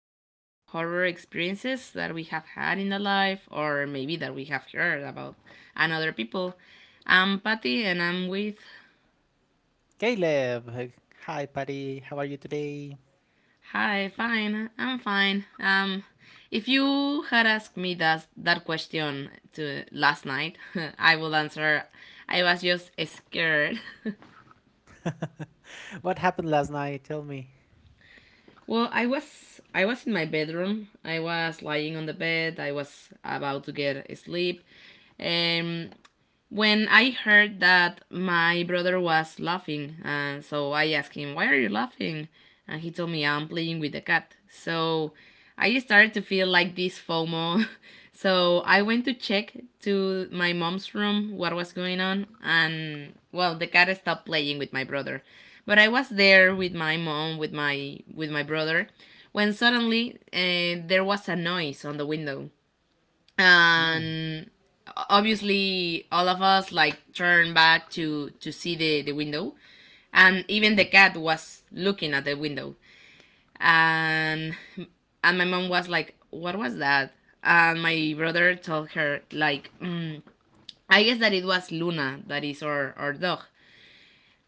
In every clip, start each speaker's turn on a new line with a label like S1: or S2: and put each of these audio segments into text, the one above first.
S1: about horror experiences that we have had in our life or maybe that we have heard about and other people. I'm Patty and I'm with
S2: Caleb, hi buddy, how are you today?
S1: hi, fine. I'm fine. If you had asked me that question to last night, I would answer I was just scared.
S2: What happened last night? Tell me.
S1: Well, I was in my bedroom. I was lying on the bed. I was about to get asleep. Um When I heard that, my brother was laughing, and so I asked him, why are you laughing? And he told me, I'm playing with the cat. So I started to feel like this FOMO. So I went to check to my mom's room what was going on, and well, the cat stopped playing with my brother. But I was there with my mom, with my brother, when suddenly there was a noise on the window,
S2: Mm.
S1: and obviously all of us like turned back to see the window, and even the cat was looking at the window. and and my mom was like, what was that? And my brother told her like, I guess that it was Luna, that is our dog.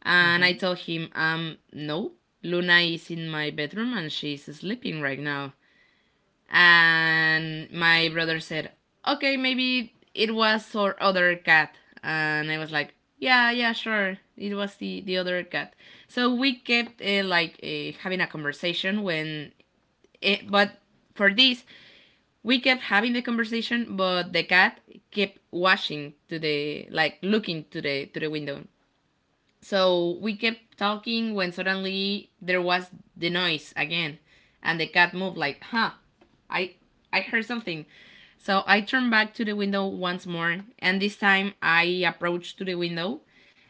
S1: And I
S2: Mm-hmm.
S1: told him, no, Luna is in my bedroom and she's sleeping right now. And my brother said, okay, maybe it was our other cat. And I was like, yeah, yeah, sure. It was the other cat. So we kept like having a conversation when, it, but for this, we kept having the conversation, but the cat kept watching to the, like looking to the window. So we kept talking when suddenly there was the noise again, and the cat moved like, huh, I, I heard something. So I turned back to the window once more, and this time I approached to the window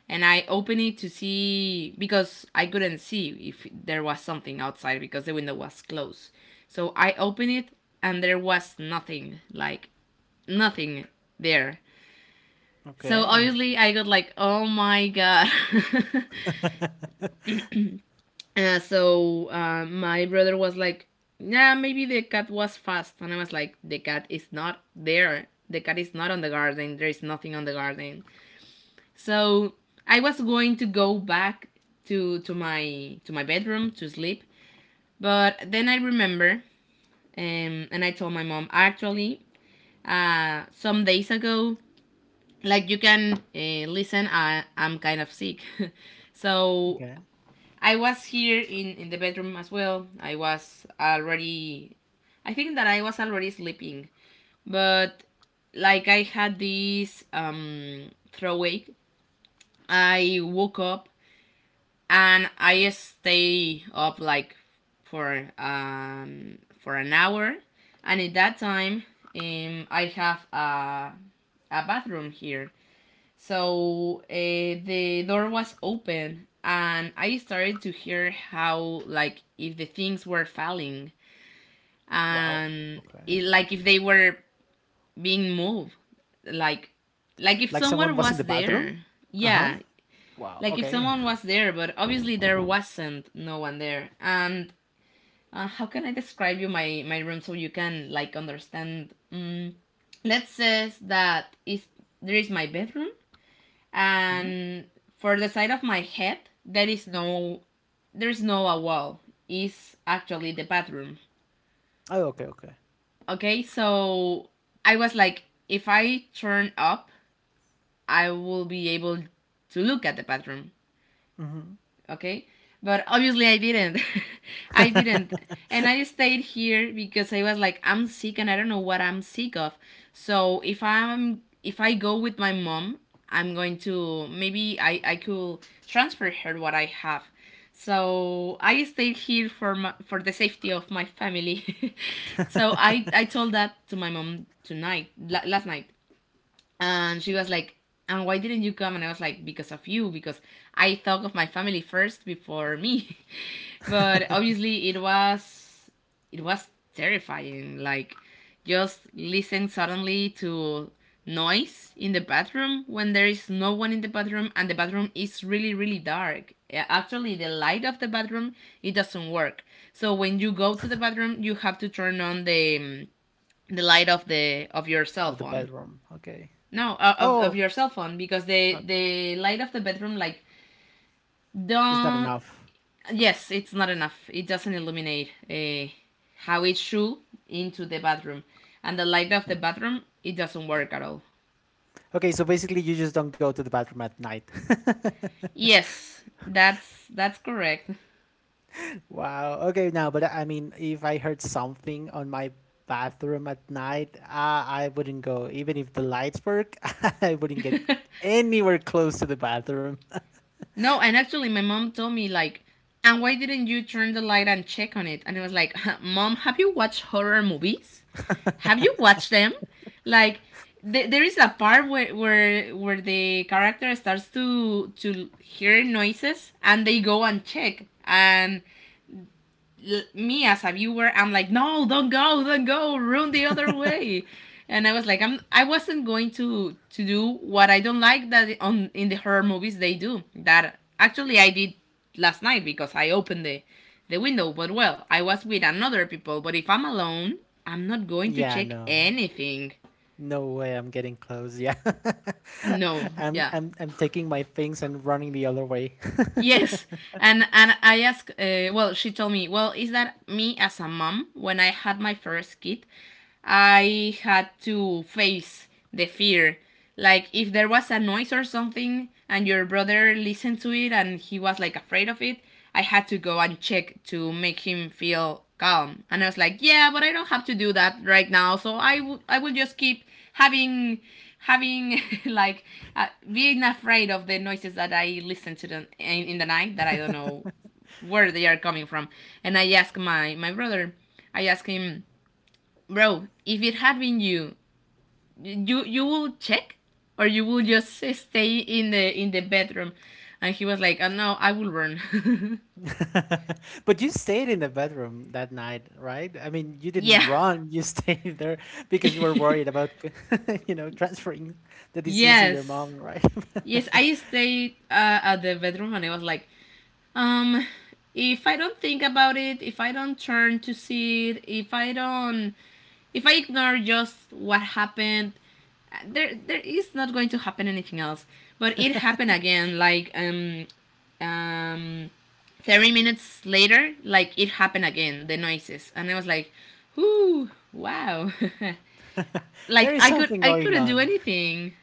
S1: and I opened it to see, because I couldn't see if there was something outside because the window was closed. So I opened it and there was nothing, like nothing there. So
S2: Okay.
S1: obviously I got like, oh my god. So my brother was like, "Yeah, maybe the cat was fast," and I was like, "The cat is not there. The cat is not on the garden. There is nothing on the garden." So I was going to go back to my bedroom to sleep, but then I remember, and I told my mom actually, some days ago, like you can listen, I'm kind of sick, so
S2: Okay.
S1: I was here in the bedroom as well. I was already I think that I was already sleeping, but like I had this throw wake. I woke up and I stay up like for an hour, and at that time I have a bathroom here, so the door was open, and I started to hear how, like if the things were falling
S2: Wow.
S1: and
S2: Okay.
S1: like if they were being moved, like like if
S2: Like someone
S1: someone
S2: was in
S1: was
S2: the bathroom?
S1: there.
S2: Uh-huh.
S1: Yeah,
S2: Wow.
S1: like if
S2: Okay.
S1: someone was there, but obviously there wasn't no one there. And how can I describe you my room so you can like understand? Let's say that is there is my bedroom,
S2: Hmm.
S1: and for the side of my head there is no, there's no a wall, is actually the bathroom.
S2: Oh, okay, okay.
S1: Okay, so I was like, if I turn up, I will be able to look at the bathroom.
S2: Mm-hmm.
S1: Okay, but obviously I didn't. I didn't. And I stayed here because I was like, I'm sick and I don't know what I'm sick of. So if I'm if I go with my mom, I'm going to, maybe I could transfer her what I have. So I stayed here for for the safety of my family. So I told that to my mom tonight, last night, and she was like, and why didn't you come? And I was like, because of you, because I thought of my family first before me. But obviously it was, it was terrifying, like just listen suddenly to noise in the bathroom when there is no one in the bathroom, and the bathroom is really really dark. Actually the light of the bathroom, it doesn't work, so when you go to the bathroom you have to turn on the light of the of your cell
S2: Of the
S1: phone.
S2: bedroom. Okay.
S1: No, of
S2: Oh,
S1: your cell phone, because the
S2: okay.
S1: the light of the bedroom like
S2: It's not
S1: don't,
S2: enough.
S1: yes, it's not enough. It doesn't illuminate how it should into the bathroom. And the light of the bathroom, it doesn't work at all.
S2: Okay, so basically you just don't go to the bathroom at night.
S1: Yes, that's correct.
S2: Wow. Okay, now, but I mean, if I heard something on my bathroom at night, I wouldn't go. Even if the lights work, I wouldn't get anywhere close to the bathroom.
S1: No, and actually, my mom told me like, and why didn't you turn the light and check on it? And I was like, Mom, have you watched horror movies? Have you watched them? Like, there is a part where, where the character starts to hear noises, and they go and check, and me as a viewer, I'm like, no, don't go, run the other way. And I was like, I wasn't going to do what I don't like, that on in the horror movies they do. That actually I did last night, because I opened the window. But well, I was with another people. But if I'm alone, I'm not going to
S2: Yeah,
S1: check
S2: no.
S1: anything.
S2: No way I'm getting close. Yeah.
S1: No,
S2: I'm
S1: yeah.
S2: I'm I'm taking my things and running the other way.
S1: Yes, and I asked. Well, she told me, well, is that me as a mom? When I had my first kid, I had to face the fear. Like if there was a noise or something, and your brother listened to it, and he was like afraid of it, I had to go and check to make him feel calm. And I was like, yeah, but I don't have to do that right now. So I will just keep having having like being afraid of the noises that I listen to them in the night, that I don't know where they are coming from. And I ask my brother, I ask him, bro, if it had been you, you will check, or you will just stay in the bedroom. And he was like, oh, no, I will run.
S2: But you stayed in the bedroom that night, right? I mean, you didn't
S1: yeah.
S2: run. You stayed there because you were worried about, transferring the disease to your
S1: yes.
S2: mom, right?
S1: Yes, I stayed at the bedroom and I was like, Um, if I don't think about it, if I don't turn to see it, if I ignore just what happened, there is not going to happen anything else. But it happened again, like um, 30 minutes later, like it happened again, the noises, and I was like, "Whoo, wow!" like
S2: There is something
S1: I
S2: going
S1: couldn't do
S2: on.
S1: anything.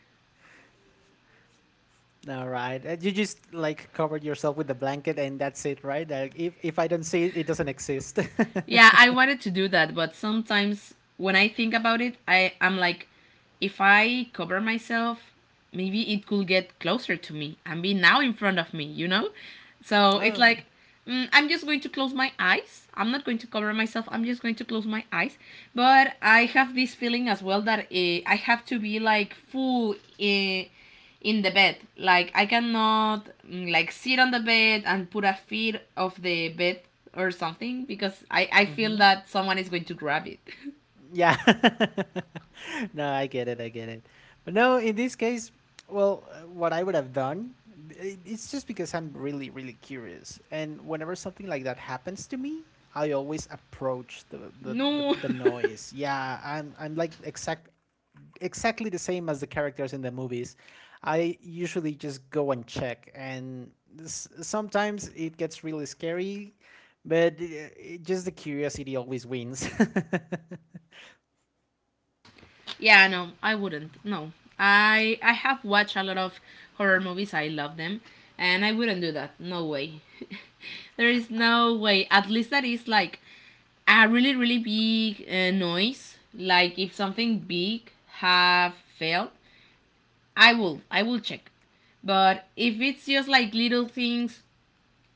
S2: All right. You just like covered yourself with the blanket and that's it, right? Like if I don't see it, it doesn't exist.
S1: Yeah, I wanted to do that, but sometimes when I think about it, I am like, if I cover myself, maybe it could get closer to me and be now in front of me, you know? So it's
S2: Oh.
S1: like, I'm just going to close my eyes. I'm not going to cover myself. I'm just going to close my eyes. But I have this feeling as well that I have to be like full. In the bed. Like I cannot like sit on the bed and put a feet of the bed or something because I feel
S2: Mm-hmm.
S1: that someone is going to grab it.
S2: Yeah. No, I get it. I get it. But no, in this case, well, what I would have done, b- I- it's just because I'm really, really curious. And whenever something like that happens to me, I always approach the, the, the,
S1: no.
S2: the noise. Yeah, I'm like exact, exactly the same as the characters in the movies. I usually just go and check, and s- sometimes it gets really scary, but just the curiosity always wins.
S1: yeah, no, I wouldn't. No. I have watched a lot of horror movies. I love them, and I wouldn't do that. No way. there is no way. At least that is like a really really big noise, like if something big have fell, I will. I will check. But if it's just like little things,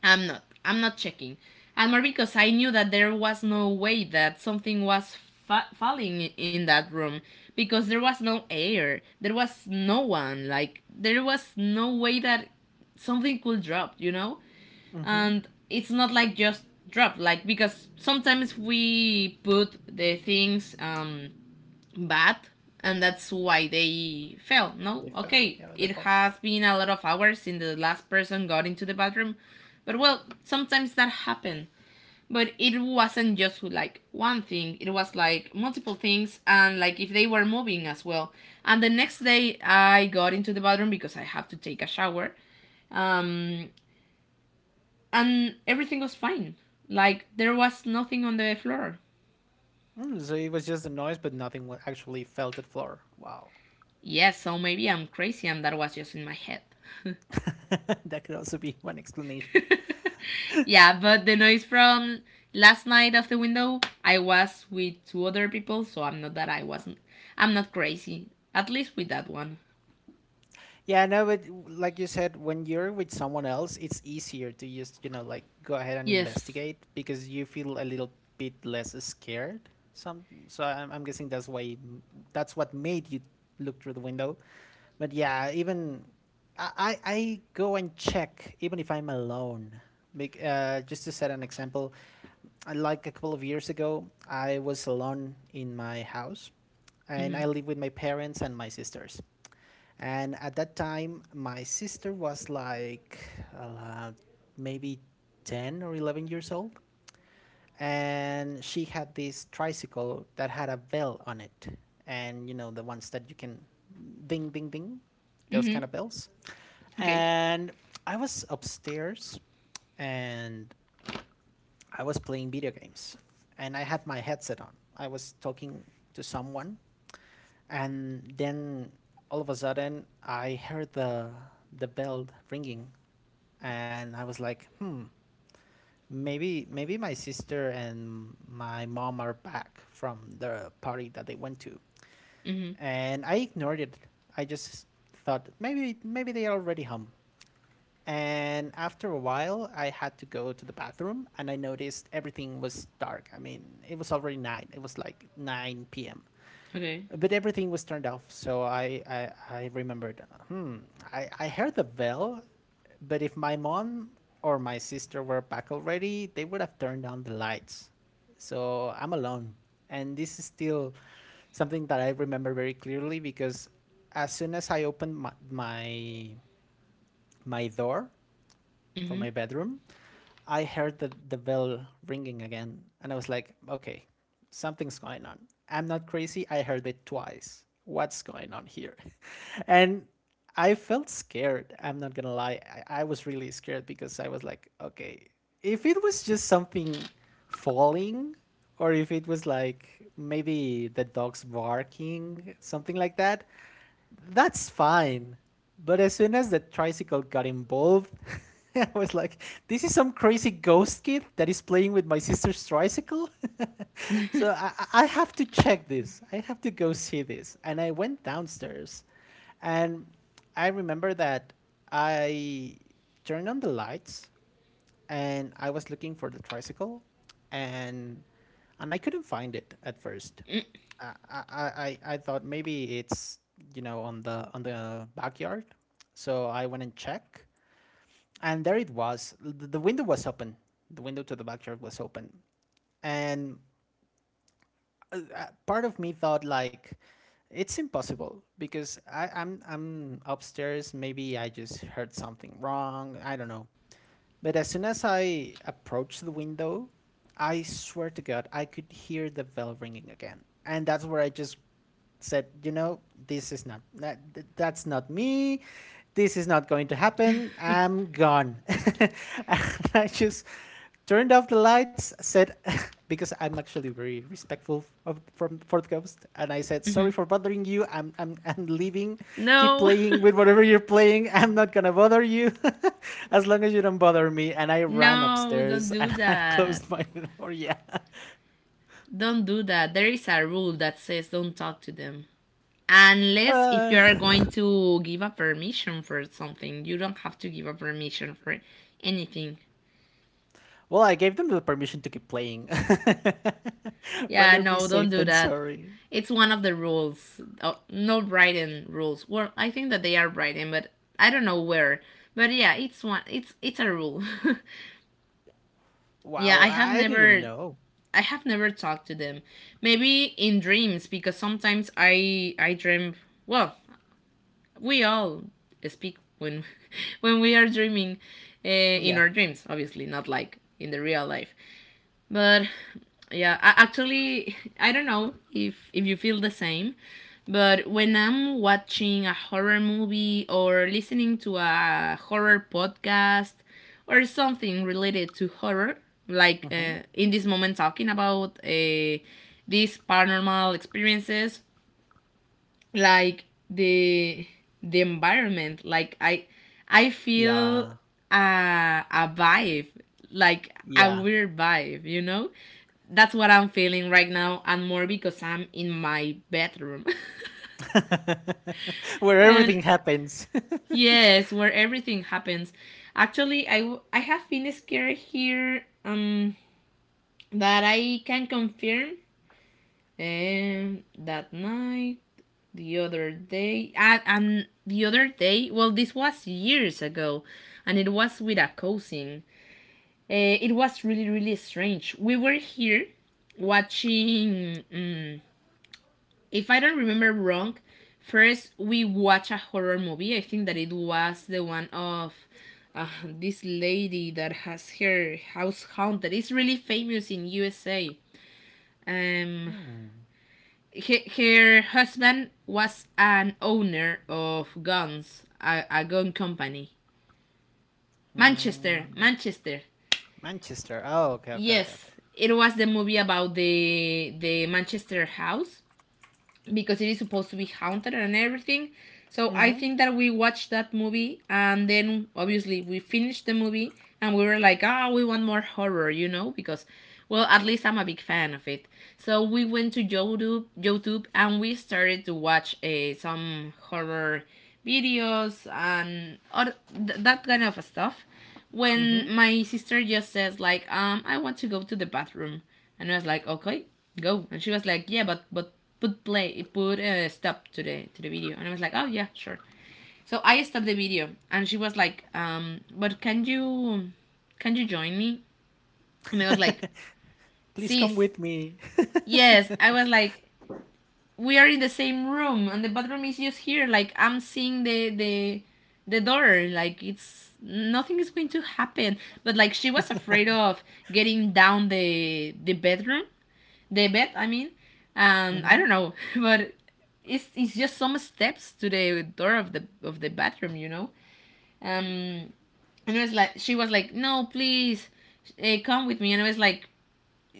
S1: I'm not. I'm not checking. And more because I knew that there was no way that something was falling in that room, because there was no air. There was no one. Like there was no way that something could drop. You know,
S2: Mm-hmm.
S1: and it's not like just drop. Like because sometimes we put the things bad, and that's why they fell. No,
S2: They fell.
S1: okay,
S2: Yeah, they
S1: it
S2: fall.
S1: has been a lot of hours since the last person got into the bathroom, but well, sometimes that happens. But it wasn't just like one thing, it was like multiple things, and like if they were moving as well. And the next day I got into the bathroom because I have to take a shower, um, and everything was fine, like there was nothing on the floor.
S2: Mm, so it was just a noise, but nothing wa- actually fell to the floor. Wow.
S1: Yes, yeah, so maybe I'm crazy and that was just in my head.
S2: That could also be one explanation.
S1: yeah, but the noise from last night of the window, I was with two other people, so I wasn't. I'm not crazy. At least with that one.
S2: Yeah, no, but like you said, when you're with someone else, it's easier to just, you know, like go ahead and
S1: Yes.
S2: investigate because you feel a little bit less scared. Some, so I'm guessing that's why, it m- that's what made you look through the window. But yeah, even I go and check even if I'm alone. Bec- just to set an example, I- like a couple of years ago, I was alone in my house, and
S1: Mhm.
S2: I live with my parents and my sisters. And at that time, my sister was like uh, maybe 10 or 11 years old. And she had this tricycle that had a bell on it. And you know, the ones that you can ding, ding, ding, those kind
S1: Mhm.
S2: of bells.
S1: Okay.
S2: And I was upstairs and I was playing video games. And I had my headset on. I was talking to someone and then all of a sudden, I heard the bell ringing, and I was like, hmm, maybe my sister and my mom are back from the party that they went to.
S1: Mhm.
S2: And I ignored it. I just thought maybe they are already home. And after a while, I had to go to the bathroom, and I noticed everything was dark. I mean, it was already nine. It was like nine p.m.,
S1: Okay.
S2: but everything was turned off. So I remembered. Hmm. I heard the bell, but if my mom or my sister were back already, they would have turned on the lights. So I'm alone, and this is still something that I remember very clearly because as soon as I opened my door for
S1: Mhm.
S2: my bedroom, I heard the bell ringing again, and I was like, okay, something's going on. I'm not crazy. I heard it twice. What's going on here? And I felt scared. I'm not gonna lie. I was really scared because I was like, okay, if it was just something falling, or if it was like maybe the dog's barking, something like that, that's fine. But as soon as the tricycle got involved, I was like, this is some crazy ghost kid that is playing with my sister's tricycle. So have to check this. I have to go see this. And I went downstairs and I remember that I turned on the lights and I was looking for the tricycle, and I couldn't find it at first. I thought maybe it's you know on the backyard, so I went and checked, and there it was. The window was open. The window to the backyard was open, and part of me thought like, it's impossible because I'm upstairs. Maybe I just heard something wrong. I don't know, but as soon as I approached the window, I swear to God, I could hear the bell ringing again. And that's where I just said, you know, this is not, that, that's not me. This is not going to happen. I'm gone. And I just turned off the lights, said, because I'm actually very respectful of from Fort Coast, and I said, sorry for bothering you. I'm leaving. Keep
S1: No.
S2: playing with whatever you're playing. I'm not gonna bother you. As long as you don't bother me. And I ran
S1: No, Don't
S2: upstairs and
S1: do
S2: I
S1: that.
S2: closed my door. Yeah.
S1: Don't do that. There is a rule that says don't talk to them. Unless if you
S2: Uh,
S1: are going to give a permission for something, you don't have to give a permission for anything.
S2: well, I gave them the permission to keep playing.
S1: Yeah,
S2: Rather be
S1: no, don't
S2: safe
S1: do
S2: than
S1: that.
S2: sorry.
S1: It's one of the rules. Oh, no writing rules. Well, I think that they are writing, but I don't know where. But yeah, it's one. It's a rule. yeah,
S2: Wow.
S1: I have
S2: I didn't
S1: never.
S2: know.
S1: I have never talked to them. Maybe in dreams because sometimes I dream. Well, we all speak when when we are dreaming in
S2: Yeah.
S1: our dreams. Obviously, not like in the real life. But yeah, I actually I don't know if you feel the same, but when I'm watching a horror movie or listening to a horror podcast or something related to horror, like
S2: Hmm.
S1: in this moment talking about these paranormal experiences, like the the environment, like I feel
S2: Yeah.
S1: a vibe, like a
S2: Yeah.
S1: weird vibe, you know that's what I'm feeling right now, and more because I'm in my bedroom.
S2: Where
S1: and
S2: everything happens.
S1: yes, where everything happens. Actually, I have been scared here, that I can confirm. That night, the other day and the other day, well this was years ago, and it was with a cousin. It was really really strange. We were here watching if I don't remember wrong, first we watched a horror movie. I think that it was the one of this lady that has her house haunted. It's really famous in USA. um Her husband was an owner of guns, a gun company. Manchester, Manchester.
S2: Manchester. Oh, okay. Okay. Okay.
S1: Yes,
S2: Okay.
S1: it was the movie about the Manchester house, because it is supposed to be haunted and everything. So I think that we watched that movie, and then obviously we finished the movie, and we were like, ah, we want more horror, you know, because well, at least I'm a big fan of it. So we went to YouTube, and we started to watch some horror videos and other, that kind of stuff. When my sister just says like, I want to go to the bathroom. And I was like, okay, go. And she was like, yeah, but put play, put a stop to the video. And I was like, oh yeah, sure. So I stopped the video, and she was like, but can you join me? And I was like,
S2: Please come
S1: sis,
S2: with me.
S1: yes. I was like, we are in the same room, and the bathroom is just here. Like I'm seeing the the door, like it's nothing is going to happen, but like she was afraid of getting down the bedroom, the bed I mean. And I
S2: Hmm.
S1: don't know, but it's just some steps to the door of the bathroom, you know. um and it was like she was like, no please, come with me. And I was like,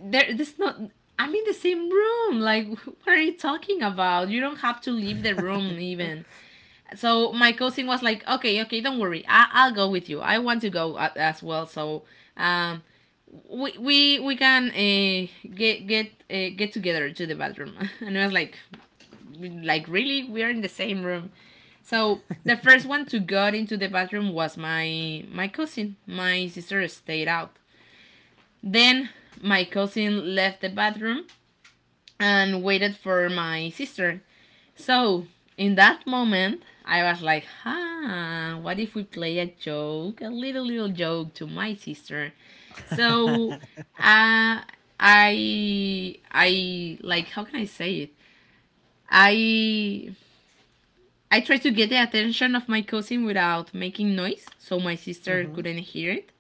S1: there this not, I'm in the same room, like what are you talking about, you don't have to leave the room even. So my cousin was like, okay okay don't worry, I'll go with you, I want to go as well, so um we can get together to the bathroom. and I was like really, we are in the same room. So the first one to got into the bathroom was my cousin. My sister stayed out, then my cousin left the bathroom and waited for my sister. So in that moment, I was like, huh, what if we play a joke, a little, little joke to my sister? So uh, like, how can I say it? I, I tried to get the attention of my cousin without making noise, so my sister couldn't hear it.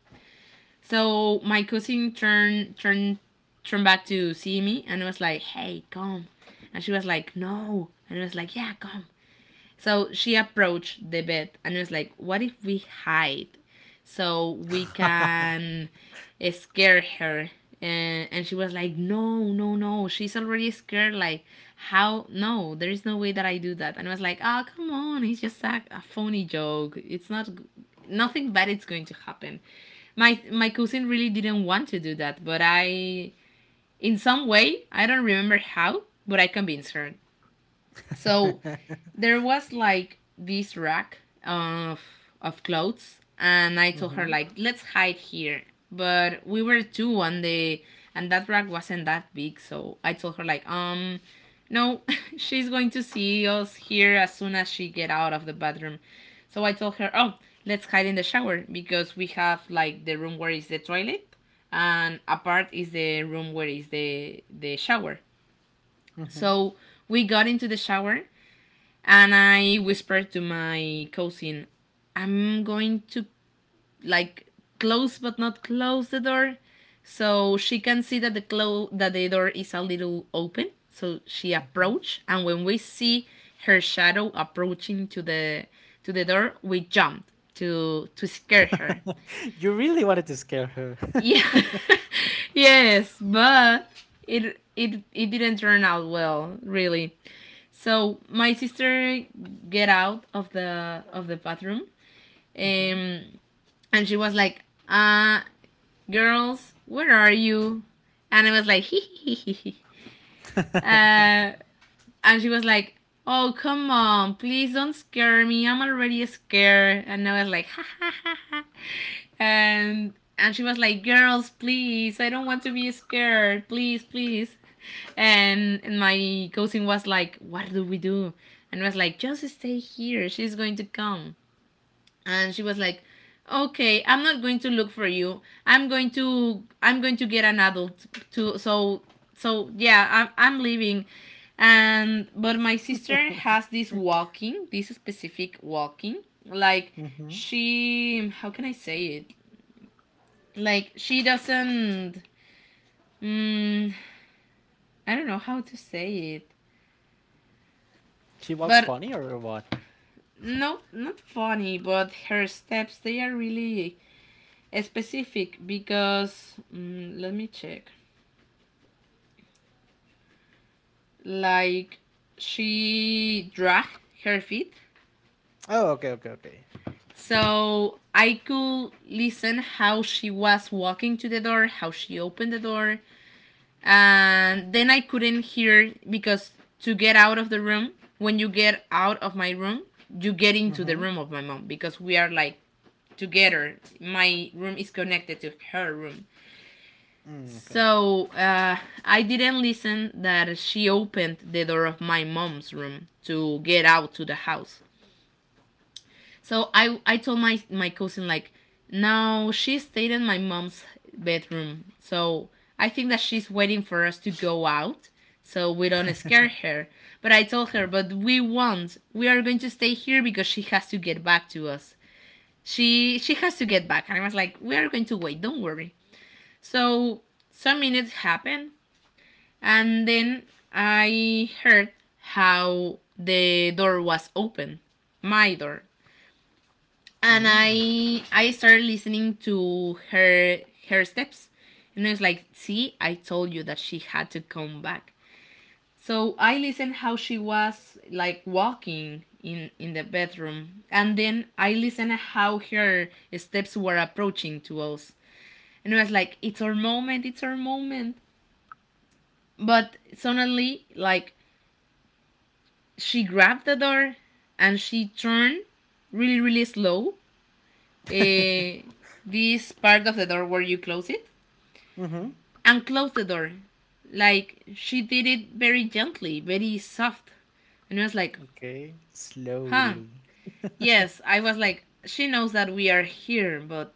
S1: So my cousin turned back to see me and was like, hey, come. And she was like, no. And I was like, yeah, come. So she approached the bed and was like, what if we hide so we can scare her? And she was like, no, no, no, she's already scared. Like, how? No, there is no way that I do that. And I was like, oh, come on, it's just a phony joke. It's not, nothing bad is going to happen. My cousin really didn't want to do that, but I, in some way, I don't remember how, but I convinced her. So there was like this rack of clothes, and I told her
S2: Hmm.
S1: like, let's hide here. But we were two on the, and that rack wasn't that big, so I told her like, no, she's going to see us here as soon as she get out of the bathroom. So I told her, "Oh, let's hide in the shower, because we have like the room where is the toilet, and apart is the room where is the shower."
S2: Hmm.
S1: So we got into the shower, and I whispered to my cousin, I'm going to, like, close but not close the door, so she can see that that the door is a little open. So she approached, and when we see her shadow approaching to the door, we jumped to scare her.
S2: You really wanted to scare her.
S1: Yeah. yes, but it didn't turn out well, really. So my sister get out of the bathroom,
S2: Hmm.
S1: um, and she was like, girls, where are you?" And I was like, "Hee hee hee hee." Uh, and she was like, "Oh come on, please don't scare me. I'm already scared." And I was like, "Ha ha ha ha," and she was like, "Girls, please, I don't want to be scared. Please, please." And my cousin was like, "What do we do?" And I was like, "Just stay here, she's going to come." And she was like, okay, I'm not going to look for you. I'm going to get an adult to, so so yeah, I'm leaving. And But my sister has this walking, this specific walking. Like, she, how can I say it? Like she doesn't, mm, I don't know how to say it,
S2: She walks
S1: but
S2: funny or what?
S1: no, not funny, but her steps, they are really specific because, let me check, like she dragged her feet.
S2: Oh, okay. Okay. Okay.
S1: So I could listen how she was walking to the door, how she opened the door, and then I couldn't hear because to get out of the room, when you get out of my room, you get into the
S2: Hmm.
S1: room of my mom, because we are like together. My room is connected to her room.
S2: Mm, okay, okay.
S1: So I didn't listen that she opened the door of my mom's room to get out to the house. So I told my cousin like, no, she stayed in my mom's bedroom. So I think that she's waiting for us to go out, so we don't scare her. But I told her, but we won't, we are going to stay here because she has to get back to us. She has to get back. And I was like, we are going to wait, don't worry. So some minutes happened, and then I heard how the door was open, my door, and
S2: Mm,
S1: I started listening to her her steps, and I was like, see, I told you that she had to come back. So I listened how she was like walking in the bedroom, and then I listened how her steps were approaching to us, and I was like, it's our moment, it's our moment. But suddenly, like, she grabbed the door and she turned really really slow, uh, this part of the door where you close it,
S2: mm-hmm.
S1: and closed the door. Like, she did it very gently, very soft, and I was like,
S2: Okay,
S1: huh.
S2: slowly.
S1: Yes, I was like, she knows that we are here, but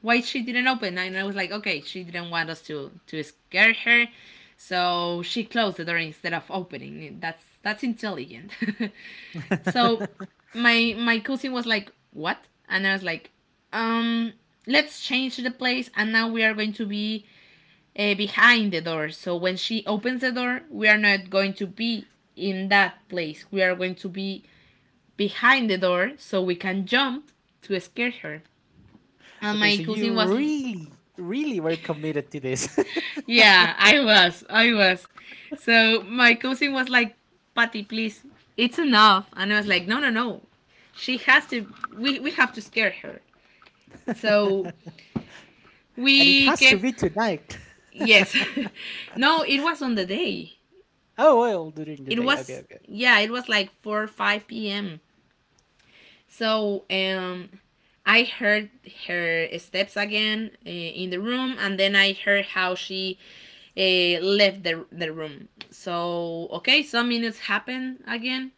S1: why she didn't open? And I was like, okay, she didn't want us to scare her, so she closed the door instead of opening. That's intelligent. So my cousin was like, "What?" And I was like, "Um, let's change the place, and now we are going to be behind the door. So when she opens the door, we are not going to be in that place, we are going to be behind the door, so we can jump to scare her." And
S2: Okay,
S1: my
S2: so you
S1: cousin was,
S2: really, really were committed to this.
S1: "Yeah, I was, I was." So my cousin was like, "Patty, please, it's enough." And I was like, "No, no, no." She has to. We have to scare her. So
S2: And it
S1: we
S2: has to
S1: kept
S2: be tonight.
S1: yes. no, it was on the day.
S2: Oh, well, during the
S1: It
S2: day. Okay,
S1: was
S2: okay.
S1: yeah, it was like 4 or 5 p.m. So I heard her steps again in the room, and then I heard how she left the room. So, okay, some minutes happen again,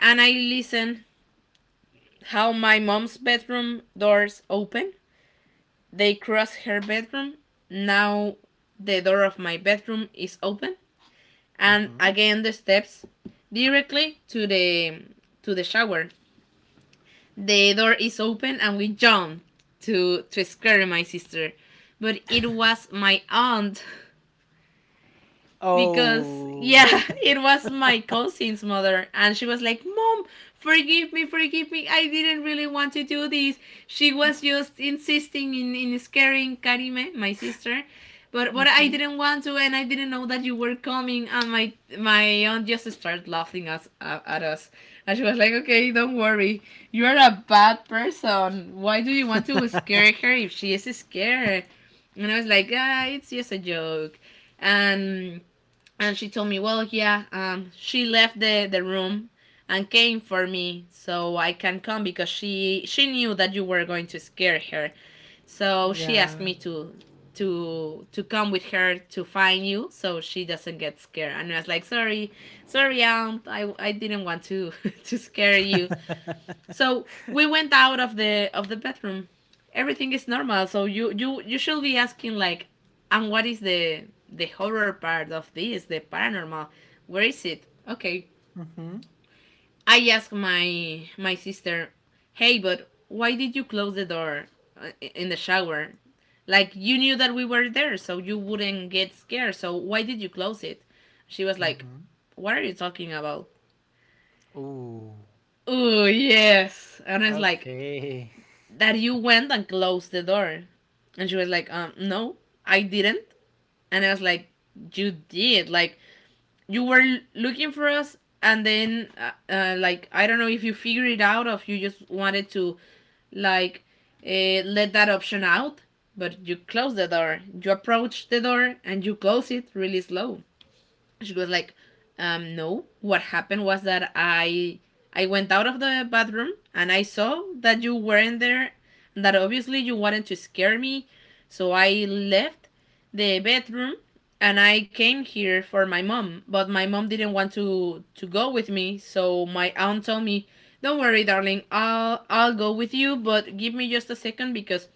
S1: and I listen how my mom's bedroom doors open. They cross her bedroom. Now the door of my bedroom is open, and again the steps directly to the shower. The door is open, and we jump to scare my sister, but it was my aunt. Because
S2: Oh,
S1: yeah, it was my cousin's mother, and she was like, "Mom, forgive me, forgive me, I didn't really want to do this. She was just insisting in, scaring Karime, my sister, but I didn't want to, and I didn't know that you were coming." And my aunt just started laughing us, at us, and she was like, "Okay, don't worry, you're a bad person, why do you want to scare her if she is scared?" And I was like, "Ah, it's just a joke." And and she told me, well, yeah, she left the room and came for me so I can come, because she knew that you were going to scare her. So she asked
S2: yeah.
S1: me to to come with her to find you so she doesn't get scared. And I was like, "Sorry, sorry, aunt, I didn't want to to scare you." So we went out of the bedroom. Everything is normal. So you should be asking like, "And what is the horror part of this? The paranormal? Where is it?" Okay.
S2: Mm-hmm.
S1: I asked my sister, "Hey, but why did you close the door in the shower? Like, you knew that we were there, so you wouldn't get scared. So why did you close it?" She was like, "What are you talking about?"
S2: Oh,
S1: Oh yes, and I was like,
S2: okay.
S1: "That you went and closed the door." And she was like, "No, I didn't." And I was like, "You did. Like, you were looking for us, and then, like, I don't know if you figured it out or if you just wanted to, like, let that option out, but you closed the door. You approached the door and you closed it really slow." She was like, "No, what happened was that I went out of the bathroom and I saw that you weren't there, and that obviously you wanted to scare me, so I left the bedroom, and I came here for my mom, but my mom didn't want to go with me. So my aunt told me, 'Don't worry, darling, I'll go with you, but give me just a second, because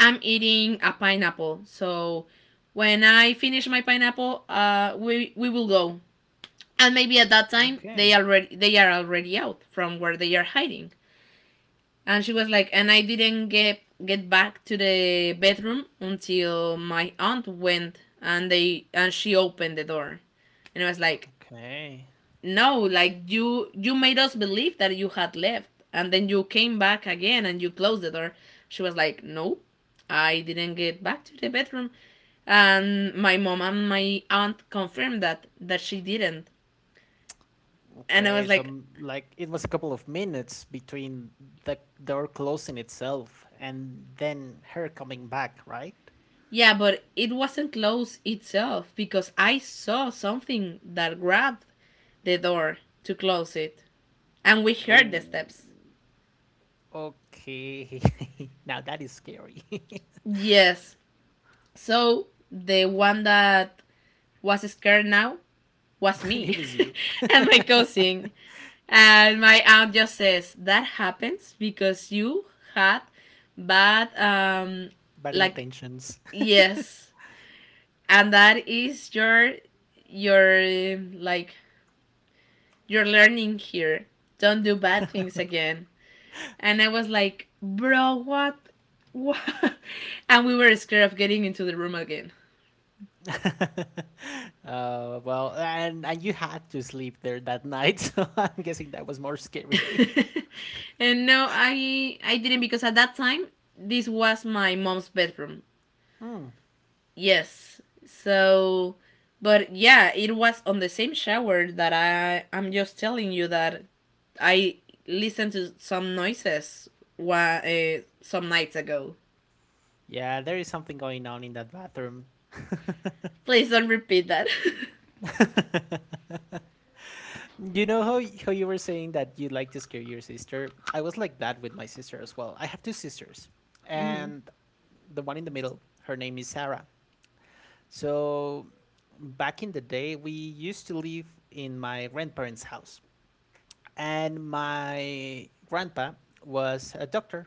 S1: I'm eating a pineapple. So when I finish my pineapple, we will go. And maybe at that time they
S2: Okay,
S1: already they are already out from where they are hiding.'" And she was like, "And I didn't get back to the bedroom until my aunt went and they and she opened the door." And I was like,
S2: okay.
S1: "No, like, you made us believe that you had left, and then you came back again and you closed the door." She was like, "No, I didn't get back to the bedroom." And my mom and my aunt confirmed that she didn't. And I was
S2: Okay, so
S1: like,
S2: m- like it was a couple of minutes between the door closing itself and then her coming back, right?
S1: "Yeah, but it wasn't closed itself, because I saw something that grabbed the door to close it, and we heard the
S2: Oh.
S1: steps."
S2: Okay. Now that is scary.
S1: Yes. So the one that was scared now was
S2: It
S1: me.
S2: was you.
S1: And my cousin. And my aunt just says that happens because you had bad,
S2: Bad
S1: like,
S2: intentions.
S1: yes, and that is your like, your learning here: don't do bad things again. And I was like, "Bro, what? What?" And we were scared of getting into the room again.
S2: Well, and you had to sleep there that night, so I'm guessing that was more scary.
S1: And no, I didn't, because at that time this was my mom's bedroom. Yes. So, but yeah, it was on the same shower that I'm just telling you that I listened to some noises some nights ago.
S2: Yeah, there is something going on in that bathroom.
S1: Please don't repeat that.
S2: You know how y- how you were saying that you like to scare your sister? I was like that with my sister as well. I have two sisters, and the one in the middle, her name is Sarah. So back in the day, we used to live in my grandparents' house. And my grandpa was a doctor,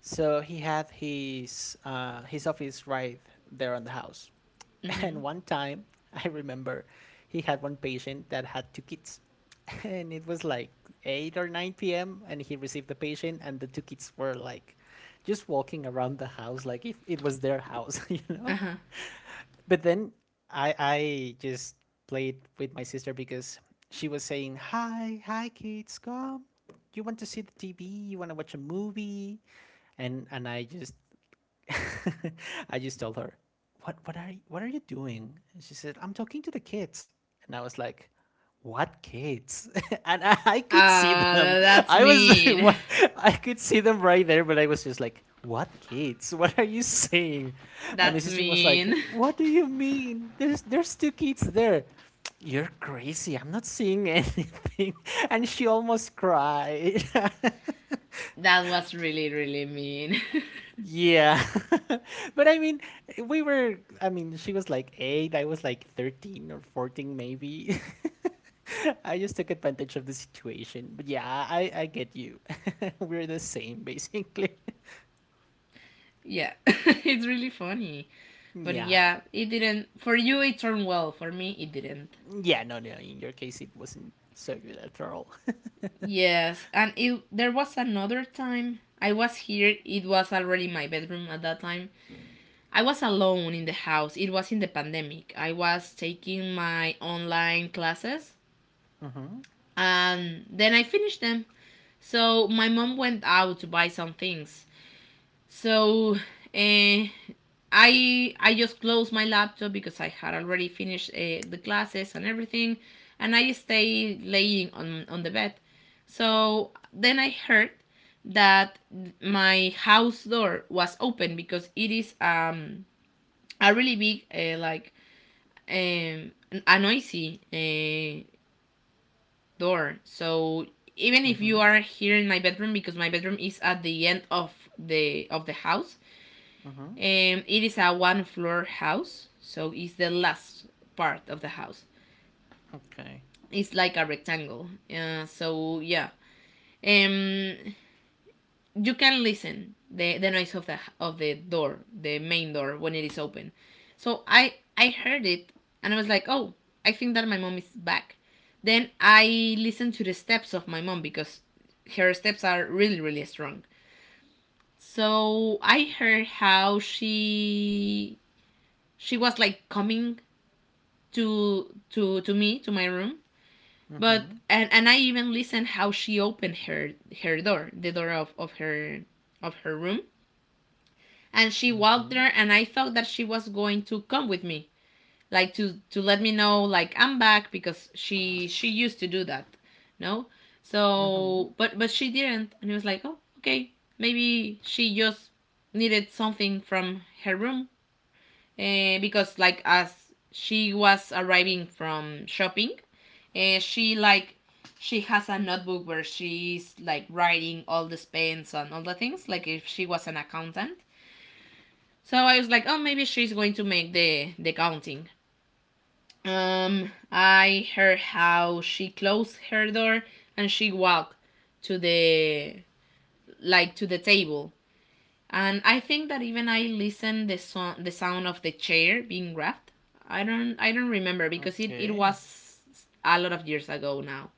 S2: so he had his office right there on the house.
S1: Mm-hmm.
S2: And one time, I remember he had one patient that had two kids, and it was like eight or nine p.m. and he received the patient, and the two kids were like just walking around the house like if it was their house, you know. But then I just played with my sister because she was saying, "Hi, hi, kids, come. You want to see the TV? You want to watch a movie?" And I just I just told her, "What are you, what are you doing?" And she said, "I'm talking to the kids." And I was like, what kids? And I could see them.
S1: That's
S2: I was
S1: mean.
S2: what- I could see them right there, but I was just like, what kids? What are you saying? And my
S1: That's
S2: sister was
S1: mean.
S2: like, what do you mean? There's two kids there. You're crazy, I'm not seeing anything. And she almost cried.
S1: That was really, really mean.
S2: Yeah. But I mean, we were, I mean, she was like eight, I was like 13 or 14, maybe. I just took advantage of the situation. But yeah, I get you. We're the same, basically.
S1: Yeah. It's really funny. But
S2: Yeah.
S1: yeah, it didn't. For you, it turned well. For me, it didn't.
S2: Yeah, no, no, in your case, it wasn't so good after all.
S1: Yes, and it, there was another time I was here. It was already my bedroom at that time. I was alone in the house. It was in the pandemic. I was taking my online classes, and then I finished them. So my mom went out to buy some things. So I I just closed my laptop, because I had already finished the classes and everything, and I stayed laying on the bed. So then I heard that my house door was open, because it is, a really big, like, um a noisy, door. So even if you
S2: Mm-hmm.
S1: are here in my bedroom, because my bedroom is at the end of the house, it is a one floor house, so it's the last part of the house.
S2: Okay.
S1: It's like a rectangle. So yeah, um, you can listen the noise of the door, the main door, when it is open. So I heard it and I was like, "Oh, I think that my mom is back." Then I listened to the steps of my mom, because her steps are really really strong. So I heard how she was like coming to to me, to my room, but
S2: Mm-hmm.
S1: and I even listened how she opened her door, the door of, her, of her room, and she walked
S2: Mm-hmm.
S1: there, and I thought that she was going to come with me, like, to let me know, like, "I'm back," because she used to do that. No.
S2: Mm-hmm.
S1: So, but she didn't. And it was like, "Oh, okay, maybe she just needed something from her room." Because, like, as she was arriving from shopping, she, like, she has a notebook where she's, like, writing all the spends and all the things, like if she was an accountant. So I was like, "Oh, maybe she's going to make the counting." I heard how she closed her door and she walked to the, like, to the table, and I think that even I listened the song, the sound of the chair being grabbed. I don't remember because it
S2: Okay.
S1: was a lot of years ago now,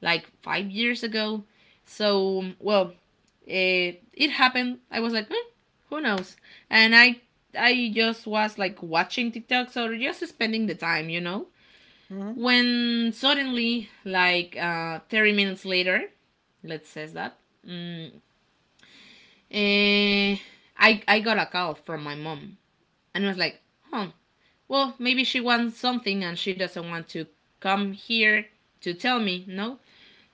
S1: like 5 years ago. So, well, it happened. I was like, "Hmm, who knows?" And I just was like watching TikToks or just spending the time, you know.
S2: Mm-hmm.
S1: When suddenly, like, 30 minutes later, let's say that, mm, Eh, I got a call from my mom, and I was like, "Huh, well, maybe she wants something and she doesn't want to come here to tell me, no?"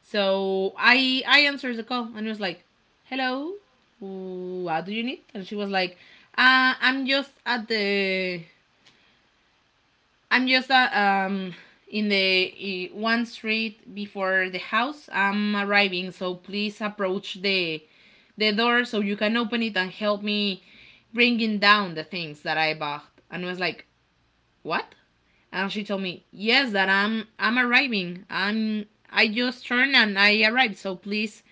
S1: So I answered the call and I was like, "Hello, what do you need?" And she was like, "I'm just at the, I'm just in the, one street before the house. I'm arriving, so please approach the door so you can open it and help me bringing down the things that I bought." And I was like, "What?" And she told me, "Yes, that I'm arriving. I'm I just turned and I arrived. So please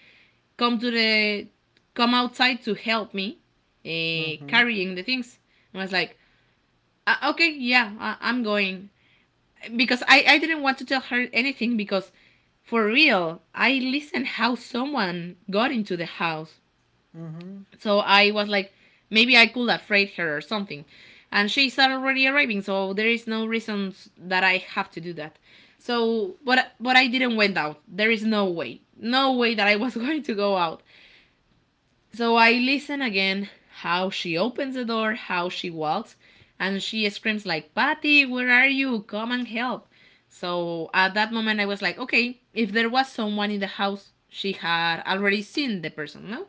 S1: come to the, come outside to help me
S2: Mm-hmm.
S1: carrying the things." And I was like, "Okay, yeah, I- I'm going," because I didn't want to tell her anything, because for real I listened how someone got into the house.
S2: Mm-hmm.
S1: So I was like, "Maybe I could have freight her or something. And she's already arriving, so there is no reason that I have to do that." So, but I didn't went out. There is no way, no way that I was going to go out. So I listen again how she opens the door, how she walks, and she screams like, "Patty, where are you? Come and help." So at that moment I was like, "Okay, if there was someone in the house, she had already seen the person, no?"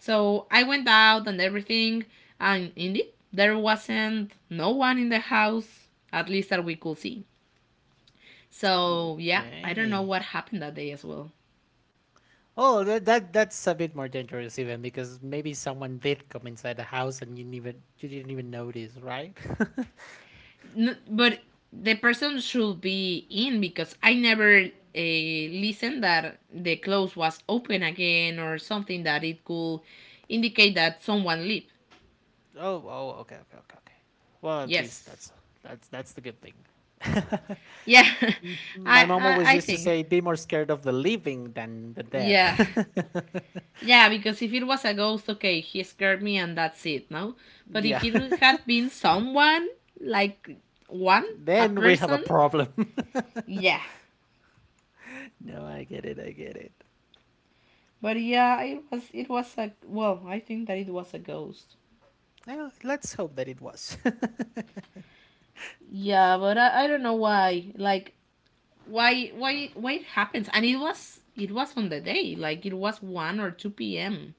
S1: So I went out and everything, and indeed there wasn't no one in the house, at least that we could see. So yeah, I don't know
S2: Okay.
S1: what happened that day as well.
S2: Oh, that, that that's a bit more dangerous even because maybe someone did come inside the house and you didn't even notice, right?
S1: No, but the person should be in, because I never listened that the clothes was open again or something that it could indicate that someone lived.
S2: Oh, oh, okay, okay, okay, okay. Well, at least
S1: Yes.
S2: that's that's the good thing.
S1: Yeah,
S2: M- My mom always
S1: I
S2: used to
S1: think.
S2: say, "Be more scared of the living than the dead."
S1: Yeah. Yeah, because if it was a ghost, okay, he scared me and that's it, no? But if
S2: Yeah,
S1: it had been someone, like, one, a
S2: then we have a
S1: person,
S2: problem.
S1: yeah.
S2: No, I get it. I get it.
S1: But yeah, it was, it was a, well, I think that it was a ghost.
S2: Well, let's hope that it was.
S1: Yeah, but I don't know why. Like why it happens and it was on the day, like it was one or two PM.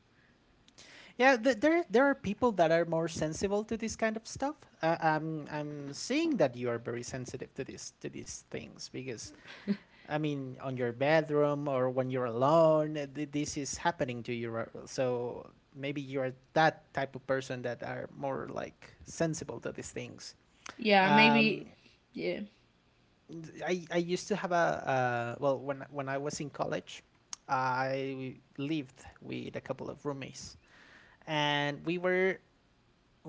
S2: Yeah, th- there are people that are more sensible to this kind of stuff. I'm seeing that you are very sensitive to this to these things because I mean, on your bedroom or when you're alone, th- this is happening to you. Ri- So maybe you are that type of person that are more like sensible to these things.
S1: Yeah, maybe,
S2: Um,
S1: yeah.
S2: I used to have a, when I was in college, I lived with a couple of roommates, and we were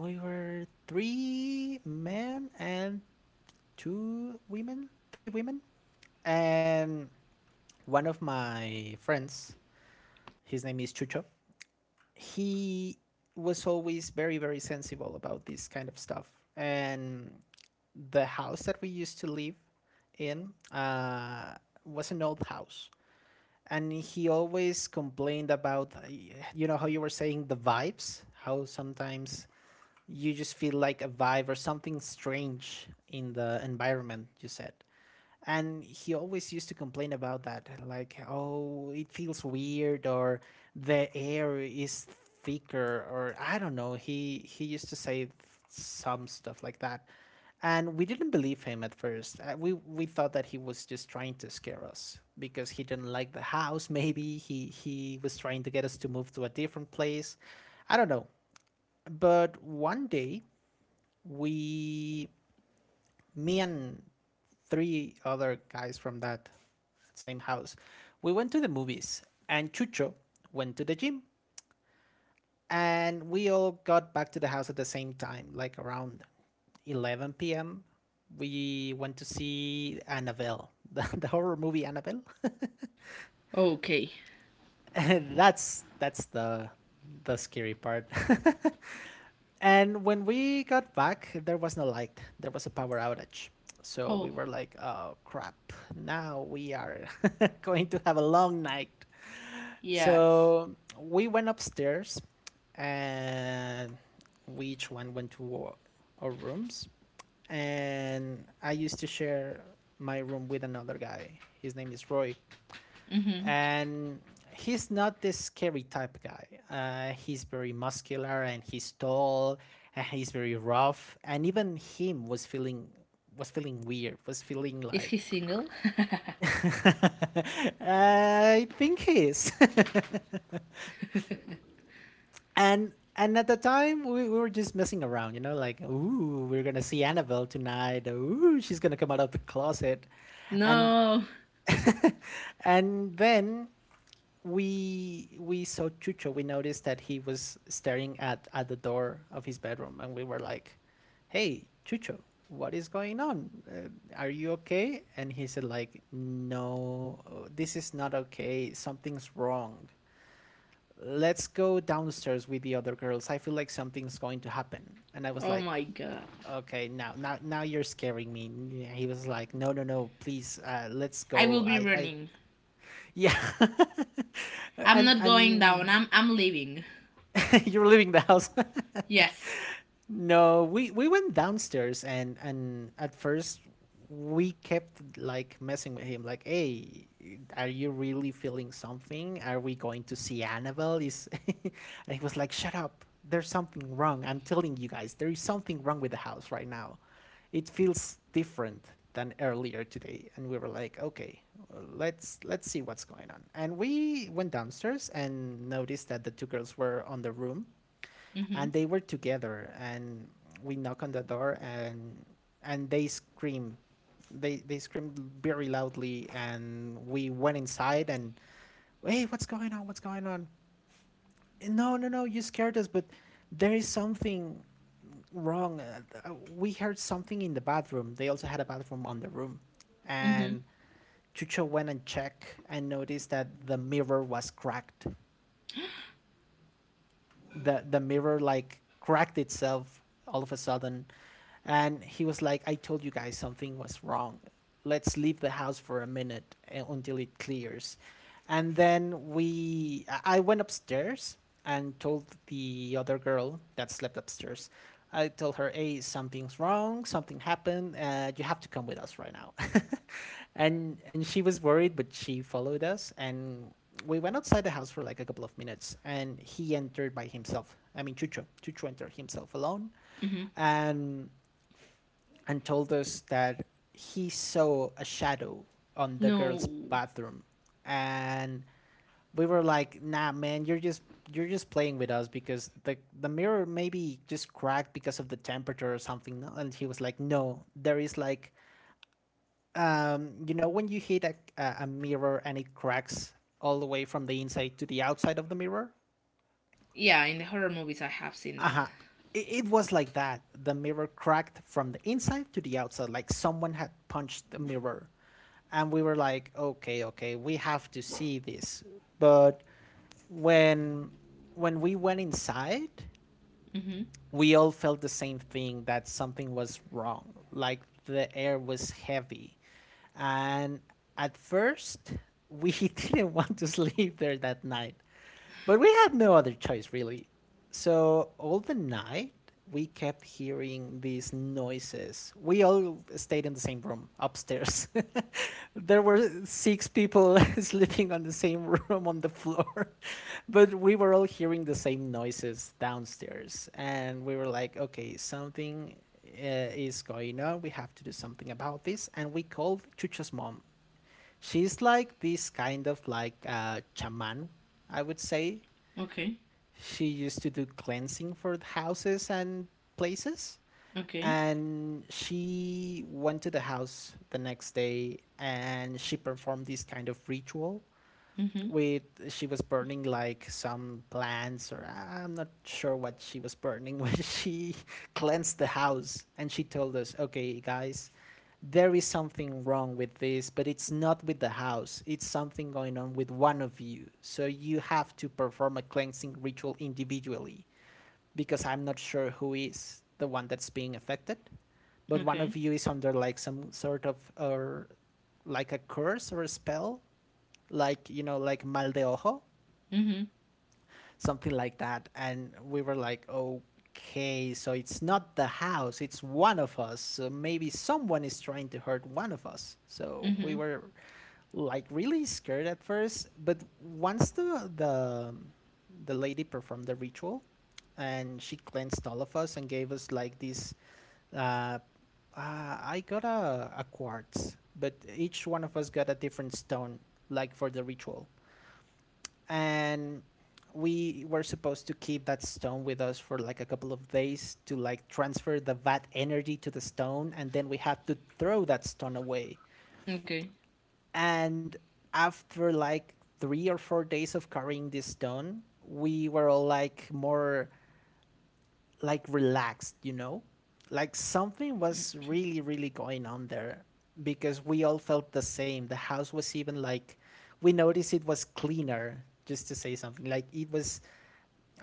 S2: we were three men and two women, three women, and one of my friends. His name is Chucho. He was always very sensible about this kind of stuff, and the house that we used to live in was an old house, and he always complained about, you know, how you were saying, the vibes, how sometimes you just feel like a vibe or something strange in the environment, you said. And he always used to complain about that, like, oh, it feels weird, or the air is thicker, or I don't know. He used to say some stuff like that, and we didn't believe him at first. We thought that he was just trying to scare us because he didn't like the house. Maybe he was trying to get us to move to a different place, I don't know. But one day, we me and three other guys from that same house, we went to the movies, and Chucho went to the gym, and we all got back to the house at the same time, like around 11 p.m. We went to see Annabelle the horror movie Annabelle.
S1: Okay.
S2: That's the scary part. And when we got back, there was no light. There was a power outage. So we
S1: Oh
S2: were like, oh crap, now we are going to have a long night.
S1: yes.
S2: So we went upstairs and we each one went to our rooms. And I used to share my room with another guy. His name is Roy,
S1: Mm-hmm.
S2: and he's not this scary type of guy. He's very muscular and he's tall and he's very rough. And even him was feeling, was feeling weird, was feeling
S1: Is he
S2: like
S1: single?
S2: I think he is. And at the time, we were just messing around, you know, like, ooh, we're gonna see Annabelle tonight. Ooh, she's gonna come out of the closet. And
S1: No.
S2: And then we saw Chucho. We noticed that he was staring at the door of his bedroom, and we were like, "Hey, Chucho, what is going on? Are you okay?" And he said, "Like, no, this is not okay. Something's wrong. Let's go downstairs with the other girls. I feel like something's going to happen." And I was
S1: Oh
S2: like,
S1: my god.
S2: "Okay, now you're scaring me." And he was like, "No, no, no, please, let's
S1: I
S2: go.
S1: will be
S2: I
S1: running.
S2: yeah."
S1: I'm
S2: and
S1: not going
S2: and
S1: down. I'm leaving.
S2: you're leaving the house.
S1: Yes.
S2: No, we went downstairs, and at first we kept like messing with him, like, hey, are you really feeling something? Are we going to see Annabelle? Is And he was like, shut up, there's something wrong, I'm telling you guys, there is something wrong with the house right now. It feels different than earlier today. And we were like, okay, let's see what's going on. And we went downstairs and noticed that the two girls were on the room,
S1: Mm-hmm.
S2: and they were together. And we knock on the door, and they scream, they screamed very loudly. And we went inside and, hey, what's going on, what's going on? No, no, no, you scared us, but there is something wrong. We heard something in the bathroom. They also had a bathroom on the room.
S1: Mm-hmm.
S2: And Chucho went and checked and noticed that the mirror was cracked. The mirror, like, cracked itself all of a sudden. And he was like, "I told you guys something was wrong. Let's leave the house for a minute until it clears." And then we, I went upstairs and told the other girl that slept upstairs. I told her, "Hey, something's wrong. Something happened. You have to come with us right now." And she was worried, but she followed us. And we went outside the house for like a couple of minutes, and he entered by himself. I mean, Chucho, Chucho entered himself alone.
S1: Mm-hmm.
S2: and and told us that he saw a shadow on the girl's
S1: No.
S2: bathroom. And we were like, nah, man, you're just playing with us, because the mirror maybe just cracked because of the temperature or something. And he was like, no, there is, like, you know, when you hit a mirror and it cracks all the way from the inside to the outside of the mirror.
S1: Yeah, in the horror movies I have seen that.
S2: Uh-huh. It was like that. The mirror cracked from the inside to the outside, like someone had punched the mirror. And we were like, okay, okay, we have to see this. But when we went inside,
S1: Mm-hmm.
S2: we all felt the same thing, that something was wrong, like the air was heavy. And at first, we didn't want to sleep there that night, but we had no other choice, really. So all the night, we kept hearing these noises. We all stayed in the same room upstairs. There were six people sleeping on the same room on the floor, but we were all hearing the same noises downstairs. And we were like, okay, something, is going on. We have to do something about this. And we called Chucho's mom. She's like this kind of like, chaman, I would say.
S1: Okay.
S2: She used to do cleansing for houses and places.
S1: Okay.
S2: And she went to the house the next day, and she performed this kind of ritual
S1: Mm-hmm.
S2: with, she was burning like some plants, or I'm not sure what she was burning, when she cleansed the house. And she told us, "Okay, guys, there is something wrong with this, but it's not with the house. It's something going on with one of you. So you have to perform a cleansing ritual individually, because I'm not sure who is the one that's being affected, but one
S1: Okay.
S2: of you is under like some sort of, or like a curse or a spell, like, you know, like mal de ojo,
S1: Mm-hmm.
S2: something like that." And we were like, okay, so it's not the house, it's one of us. So maybe someone is trying to hurt one of us. So we
S1: Mm-hmm.
S2: were like really scared at first. But once the the lady performed the ritual and she cleansed all of us and gave us like this, uh, I got a quartz, but each one of us got a different stone, like, for the ritual. And we were supposed to keep that stone with us for like a couple of days to, like, transfer the vat energy to the stone, and then we had to throw that stone away.
S1: Okay.
S2: And after like 3 or 4 days of carrying this stone, we were all like more like relaxed, you know, like something was really really going on there, because we all felt the same. The house was even like, we noticed it was cleaner, just to say something, like, it was,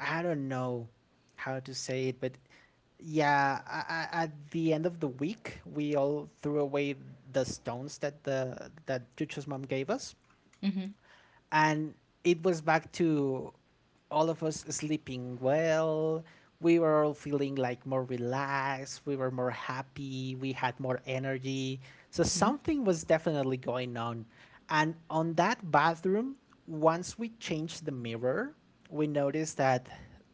S2: I don't know how to say it. But yeah, at the end of the week, we all threw away the stones that the that Chucho's mom gave us.
S1: Mm-hmm.
S2: And it was back to all of us sleeping well. We were all feeling like more relaxed. We were more happy. We had more energy. So
S1: Mm-hmm.
S2: something was definitely going on. And on that bathroom, once we changed the mirror, we noticed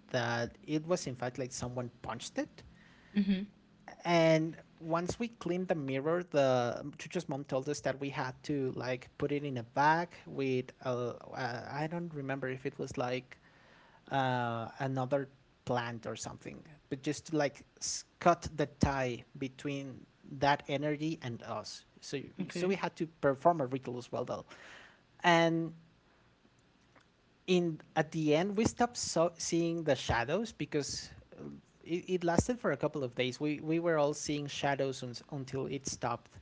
S2: that it was in fact like someone punched it.
S1: Mm-hmm.
S2: And once we cleaned the mirror, the Chucho's mom told us that we had to, like, put it in a bag with a, I don't remember if it was like, another plant or something, but just to, like, cut the tie between that energy and us. So so we
S1: Okay.
S2: had to perform a ritual as well, though. And in at the end, we stopped seeing the shadows. Because uh, it lasted for a couple of days. We were all seeing shadows uns until it stopped.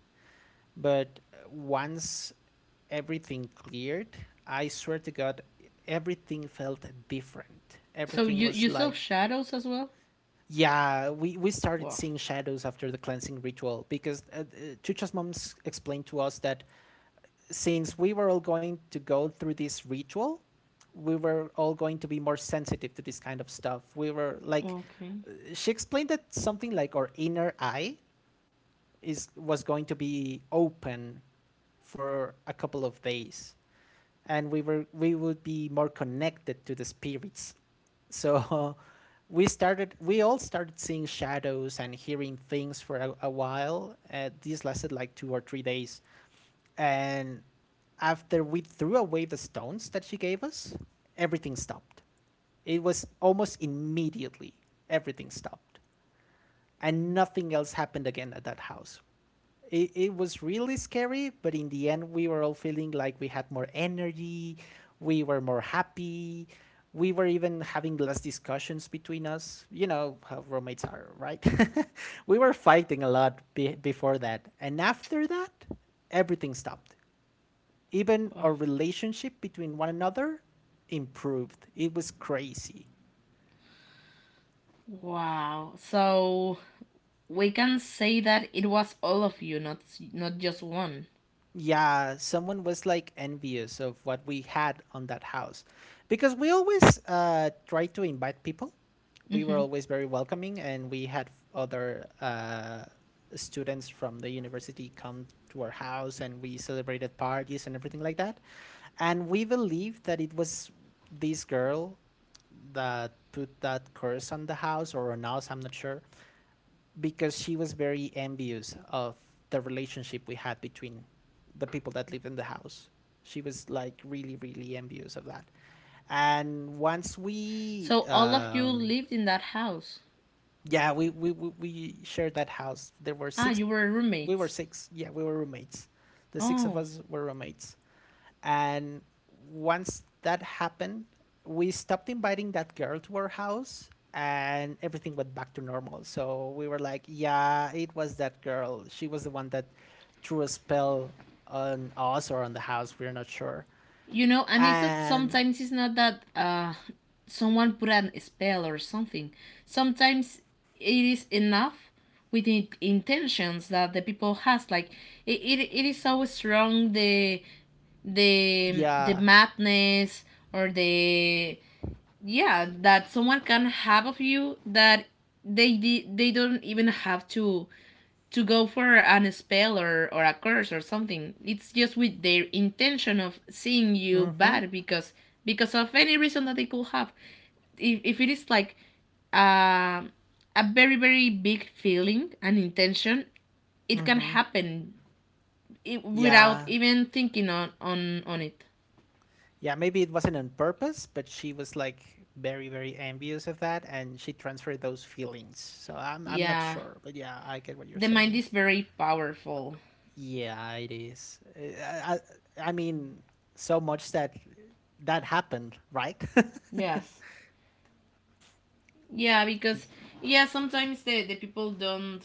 S2: But once everything cleared, I swear to God, everything felt different.
S1: So
S2: Everything
S1: you
S2: was
S1: you sell
S2: like,
S1: shadows as well?
S2: yeah, we started
S1: Wow.
S2: seeing shadows after the cleansing ritual. Because Chucha's mom explained to us that since we were all going to go through this ritual, we were all going to be more sensitive to this kind of stuff. We were like,
S1: Okay.
S2: she explained that something, like, our inner eye is was going to be open for a couple of days, and we would be more connected to the spirits. So we all started seeing shadows and hearing things for a while. This lasted like 2 or 3 days. And after we threw away the stones that she gave us, everything stopped. It was almost immediately, everything stopped. And nothing else happened again at that house. It was really scary, but in the end, we were all feeling like we had more energy, we were more happy, we were even having less discussions between us. You know how roommates are, right? we were fighting a lot before that. And after that, everything stopped. Even
S1: Wow.
S2: our relationship between one another improved. It was crazy.
S1: Wow. So we can say that it was all of you, not just one.
S2: Yeah, someone was like envious of what we had on that house because we always try to invite people. We were
S1: Mm-hmm.
S2: always very welcoming, and we had other students from the university come to our house, and we celebrated parties and everything like that. And we believed that it was this girl that put that curse on the house or on us, I'm not sure, because she was very envious of the relationship we had between the people that lived in the house. She was like really, really envious of that. And once we,
S1: So all of you
S2: um,
S1: lived in that house.
S2: yeah, we shared that house. There were
S1: Ah,
S2: six,
S1: you were
S2: we were
S1: roommates.
S2: six. Yeah, we were roommates. The six of
S1: Oh.
S2: us were roommates. And once that happened, we stopped inviting that girl to our house and everything went back to normal. So we were like, yeah, it was that girl. She was the one that threw a spell on us or on the house. We're not sure.
S1: You know, and it's not,
S2: And
S1: sometimes it's not that someone put an spell or something. Sometimes it is enough with the intentions that the people has. Like it is so strong the the
S2: yeah.
S1: madness or the, yeah, that someone can have of you that they don't even have to go for an spell, or a curse or something. It's just with their intention of seeing you
S2: Mm-hmm.
S1: bad, because of any reason that they could have. If it is like uh, a very very big feeling, an intention, it can
S2: Mm-hmm.
S1: happen it without
S2: Yeah.
S1: even thinking on, on it.
S2: Yeah, maybe it wasn't on purpose, but she was like very, very envious of that and she transferred those feelings. So I'm not
S1: Yeah,
S2: sure. But yeah, I get what you're
S1: the mind
S2: saying.
S1: is very powerful.
S2: Yeah, it is. I mean, so much that happened, right?
S1: Yes. Yeah, because yeah, sometimes the people don't,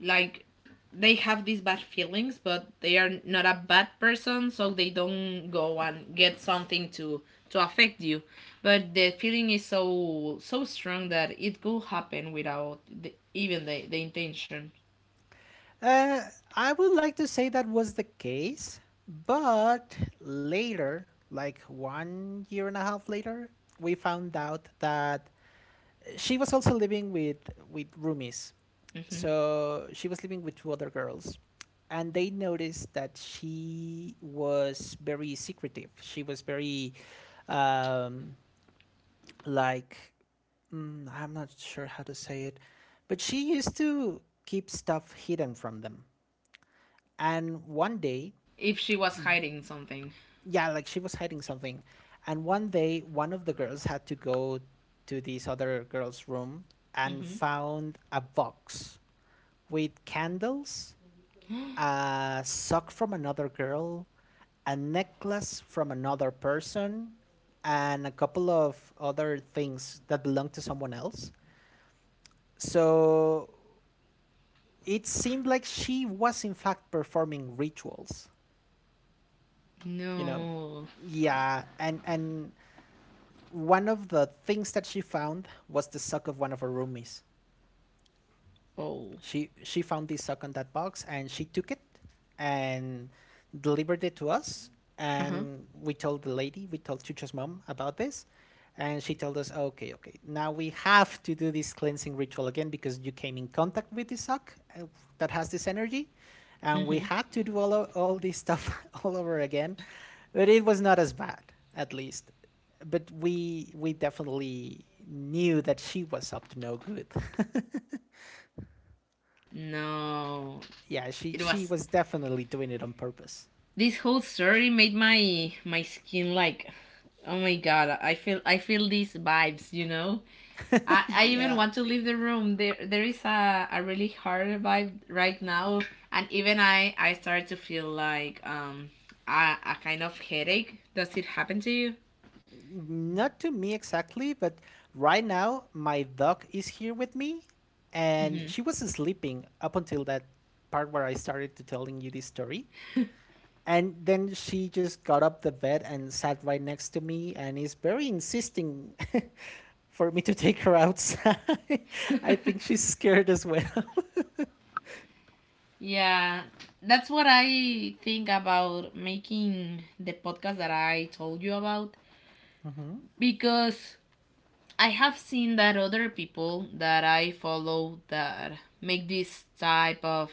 S1: like, they have these bad feelings but they are not a bad person, so they don't go and get something to affect you, but the feeling is so so strong that it could happen without the, even the intention.
S2: uh, I would like to say that was the case, but later, like one year and a half later, we found out that she was also living with roomies.
S1: Hmm.
S2: So she was living with two other girls, and they noticed that she was very secretive. She was very um, like I'm not sure how to say it, but she used to keep stuff hidden from them. And one day,
S1: If she was hiding something.
S2: yeah, like she was hiding something. And one day, one of the girls had to go to this other girl's room and
S1: Hmm.
S2: found a box with candles, a sock from another girl, a necklace from another person, and a couple of other things that belonged to someone else. So it seemed like she was in fact performing rituals, you know?
S1: No.
S2: Yeah, and one of the things that she found was the sock of one of her roomies.
S1: Oh.
S2: She found this sock on that box and she took it and delivered it to us.
S1: Uh-huh.
S2: And we told the lady, we told Chucha's mom about this, and she told us, okay, okay, now we have to do this cleansing ritual again because you came in contact with this sock that has this energy. And we
S1: Hmm.
S2: had to do all this stuff all over again, but it was not as bad, at least. But we definitely knew that she was up to no good.
S1: No.
S2: Yeah, she
S1: It
S2: she
S1: was,
S2: was definitely doing it on purpose.
S1: this whole story made my my skin like, oh my god, I feel I feel these vibes, you know, i, I even
S2: Yeah.
S1: want to leave the room, there is a really hard vibe right now. And even I start to feel like a kind of headache. Does it happen to you?
S2: Not to me exactly, but right now my dog is here with me and
S1: Hmm.
S2: she was sleeping up until that part where I started to telling you this story. And then she just got up the bed and sat right next to me and is very insisting for me to take her outside. I think she's scared as well.
S1: Yeah, that's what I think about making the podcast that I told you about, because I have seen that other people that I follow that make this type of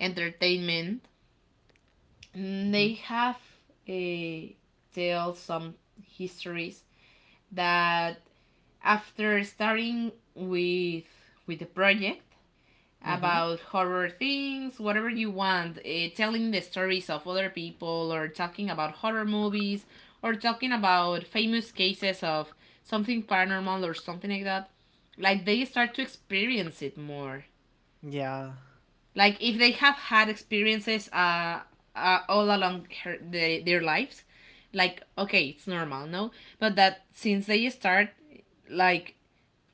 S1: entertainment, mm,
S2: Hmm.
S1: they have, eh, tell some histories, that after starting with the project,
S2: Hmm.
S1: about horror things, whatever you want, telling the stories of other people, or talking about horror movies, or talking about famous cases of something paranormal or something like that, like they start to experience it more.
S2: Yeah.
S1: Like if they have had experiences all along her, the, their lives, like okay, it's normal, no? But that since they start, like,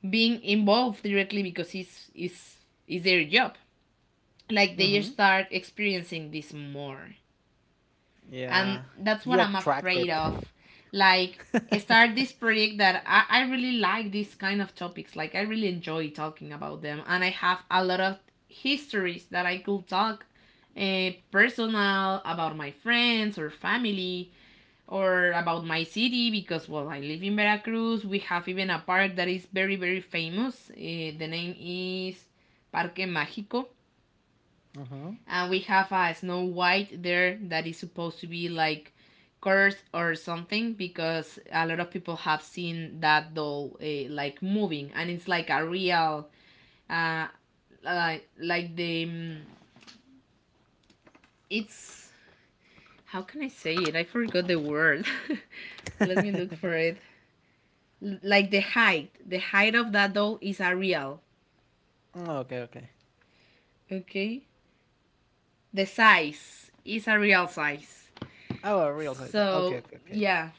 S1: being involved directly because it's their job, like they
S2: Hmm.
S1: start experiencing this more, and
S2: Yeah.
S1: that's what
S2: You
S1: I'm afraid
S2: attracted.
S1: of. Like, start this project that I really like these kind of topics, like I really enjoy talking about them, and I have a lot of histories that I could talk, personal, about my friends or family, or about my city, because well, I live in Veracruz, we have even a park that is very very famous, the name is Parque Mágico,
S2: Hmm.
S1: and we have a Snow White there that is supposed to be like cursed or something, because a lot of people have seen that doll like moving, and it's like a real uh, like the, mm, it's, how can I say it, I forgot the word. Let me look for it. Like the height, the height of that doll is a real,
S2: Okay, okay.
S1: okay, the size is a real size.
S2: Oh, I realized that. Okay,
S1: So
S2: okay, okay.
S1: yeah,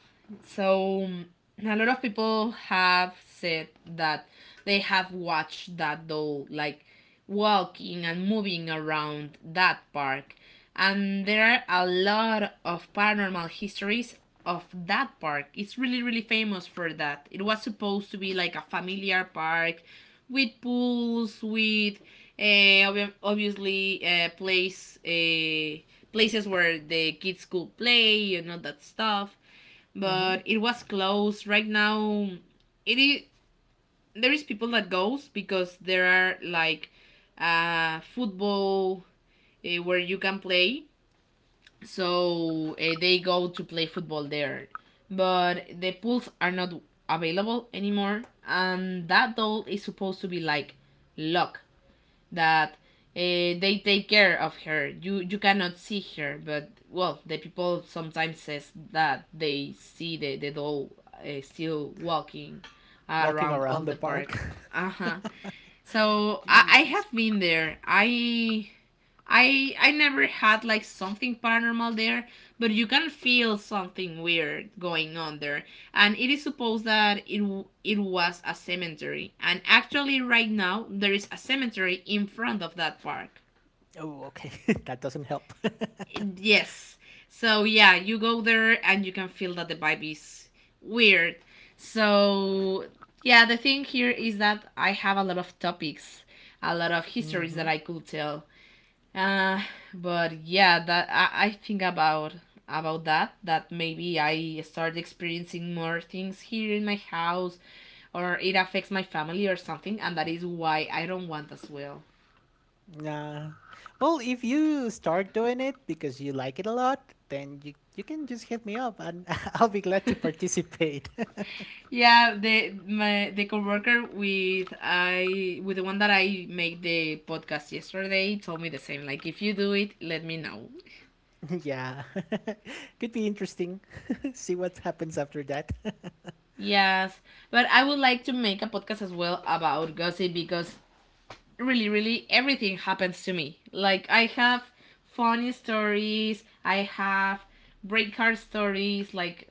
S1: so a lot of people have said that they have watched that doll like walking and moving around that park, and there are a lot of paranormal histories of that park. It's really, really famous for that. It was supposed to be like a familiar park with pools, with obviously places where the kids could play and all that stuff.
S2: Hmm.
S1: But it was closed. Right now, it is, there is people that goes because there are like football, where you can play, so they go to play football there. But the pools are not available anymore, and that doll is supposed to be like luck, that they take care of her. You cannot see her, but well, the people sometimes says that they see the doll still walking
S2: Walking
S1: around all
S2: around the
S1: the
S2: park.
S1: park. Uh huh. So I
S2: Jesus.
S1: have been there. I I never had like something paranormal there, but you can feel something weird going on there. And it is supposed that it was a cemetery. And actually right now there is a cemetery in front of that park.
S2: Oh, okay. that doesn't help.
S1: Yes. So yeah, you go there and you can feel that the vibe is weird. So yeah, the thing here is that I have a lot of topics, a lot of histories that
S2: Hmm.
S1: I could tell. Uh, but yeah, that I think about that, that maybe I start experiencing more things here in my house, or it affects my family or something, and that is why I don't want as well.
S2: Nah. Well, if you start doing it because you like it a lot, then you can just hit me up and I'll be glad to participate.
S1: Yeah, the, my, the coworker with I with the one that I made the podcast yesterday told me the same. Like, if you do it, let me know.
S2: yeah. Could be interesting. See what happens after that.
S1: Yes, but I would like to make a podcast as well about gossip, because really, really everything happens to me. Like I have funny stories, I have break heart stories, like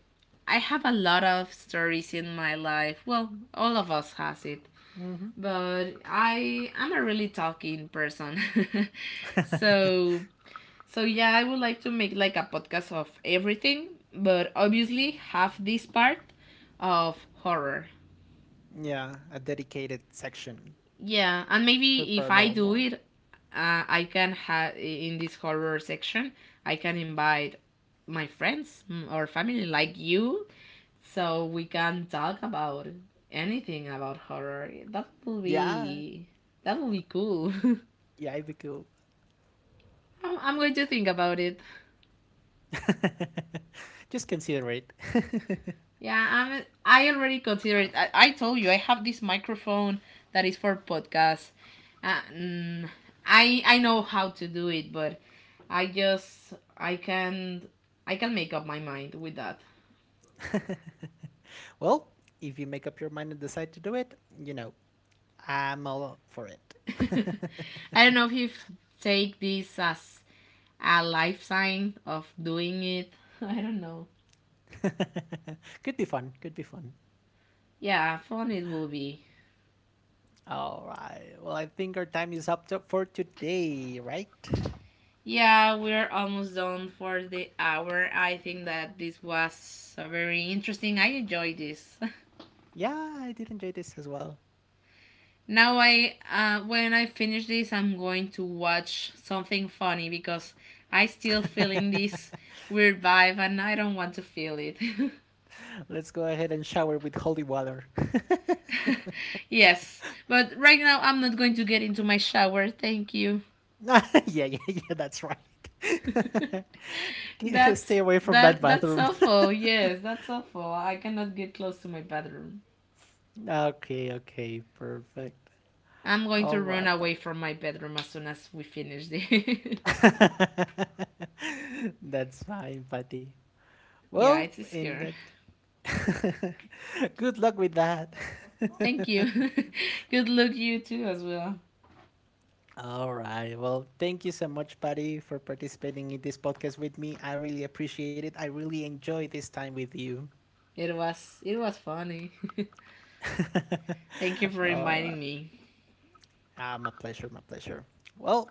S1: I have a lot of stories in my life. Well, all of us has it. But I am a really talking person. So, so yeah, I would like to make like a podcast of everything, but obviously have this part of horror.
S2: yeah, a dedicated section
S1: Yeah, and
S2: for
S1: maybe if I do
S2: paranormal.
S1: it, I can have in this horror section, I can invite my friends, mm, or family like you, so we can talk about anything about horror. That will
S2: Yeah,
S1: be, that will be cool.
S2: yeah, it'd be cool.
S1: I'm going to think about it.
S2: Just consider it.
S1: Yeah, I'm. I already considered. I told you I have this microphone that is for podcasts. Uh, mm, I know how to do it, but I just I can make up my mind with that.
S2: Well, if you make up your mind and decide to do it, I'm all up for it.
S1: I don't know if you take this as a life sign of doing it. I don't know.
S2: could be fun. Could be fun.
S1: Yeah, fun it will be.
S2: All right. Well, I think our time is for today, right?
S1: Yeah, we're almost done for the hour. I think that this was a very interesting. I enjoyed this.
S2: Yeah, I did enjoy this as well.
S1: Now I when I finish this, I'm going to watch something funny, because I still feeling this weird vibe and I don't want to feel it.
S2: Let's go ahead and shower with holy water.
S1: Yes, but right now I'm not going to get into my shower. Thank you.
S2: yeah, yeah, yeah, that's right.
S1: That's,
S2: Stay away from that
S1: that's
S2: bathroom.
S1: awful. Yes, that's awful. I cannot get close to my bedroom.
S2: Okay, okay, perfect.
S1: I'm going
S2: All
S1: to run
S2: right,
S1: away
S2: buddy.
S1: from my bedroom as soon as we finish this.
S2: That's fine, Patty.
S1: Yeah,
S2: Well,
S1: it's
S2: in
S1: scary.
S2: that good luck with that.
S1: Thank you. Good luck you too as well.
S2: All right. Well, thank you so much, Patty, for participating in this podcast with me. I really appreciate it. I really enjoy this time with you.
S1: It was, it was funny. Thank you for
S2: All right.
S1: reminding me.
S2: Ah, my pleasure. My pleasure. Well,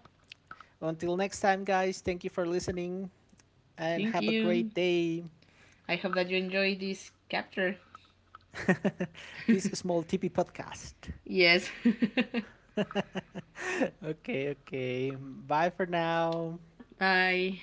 S2: until next time, guys, thank you for listening and
S1: Thank
S2: have a
S1: you.
S2: great day.
S1: I hope that you enjoyed this capture.
S2: This small TP podcast.
S1: Yes.
S2: Okay. Okay. Bye for now.
S1: Bye.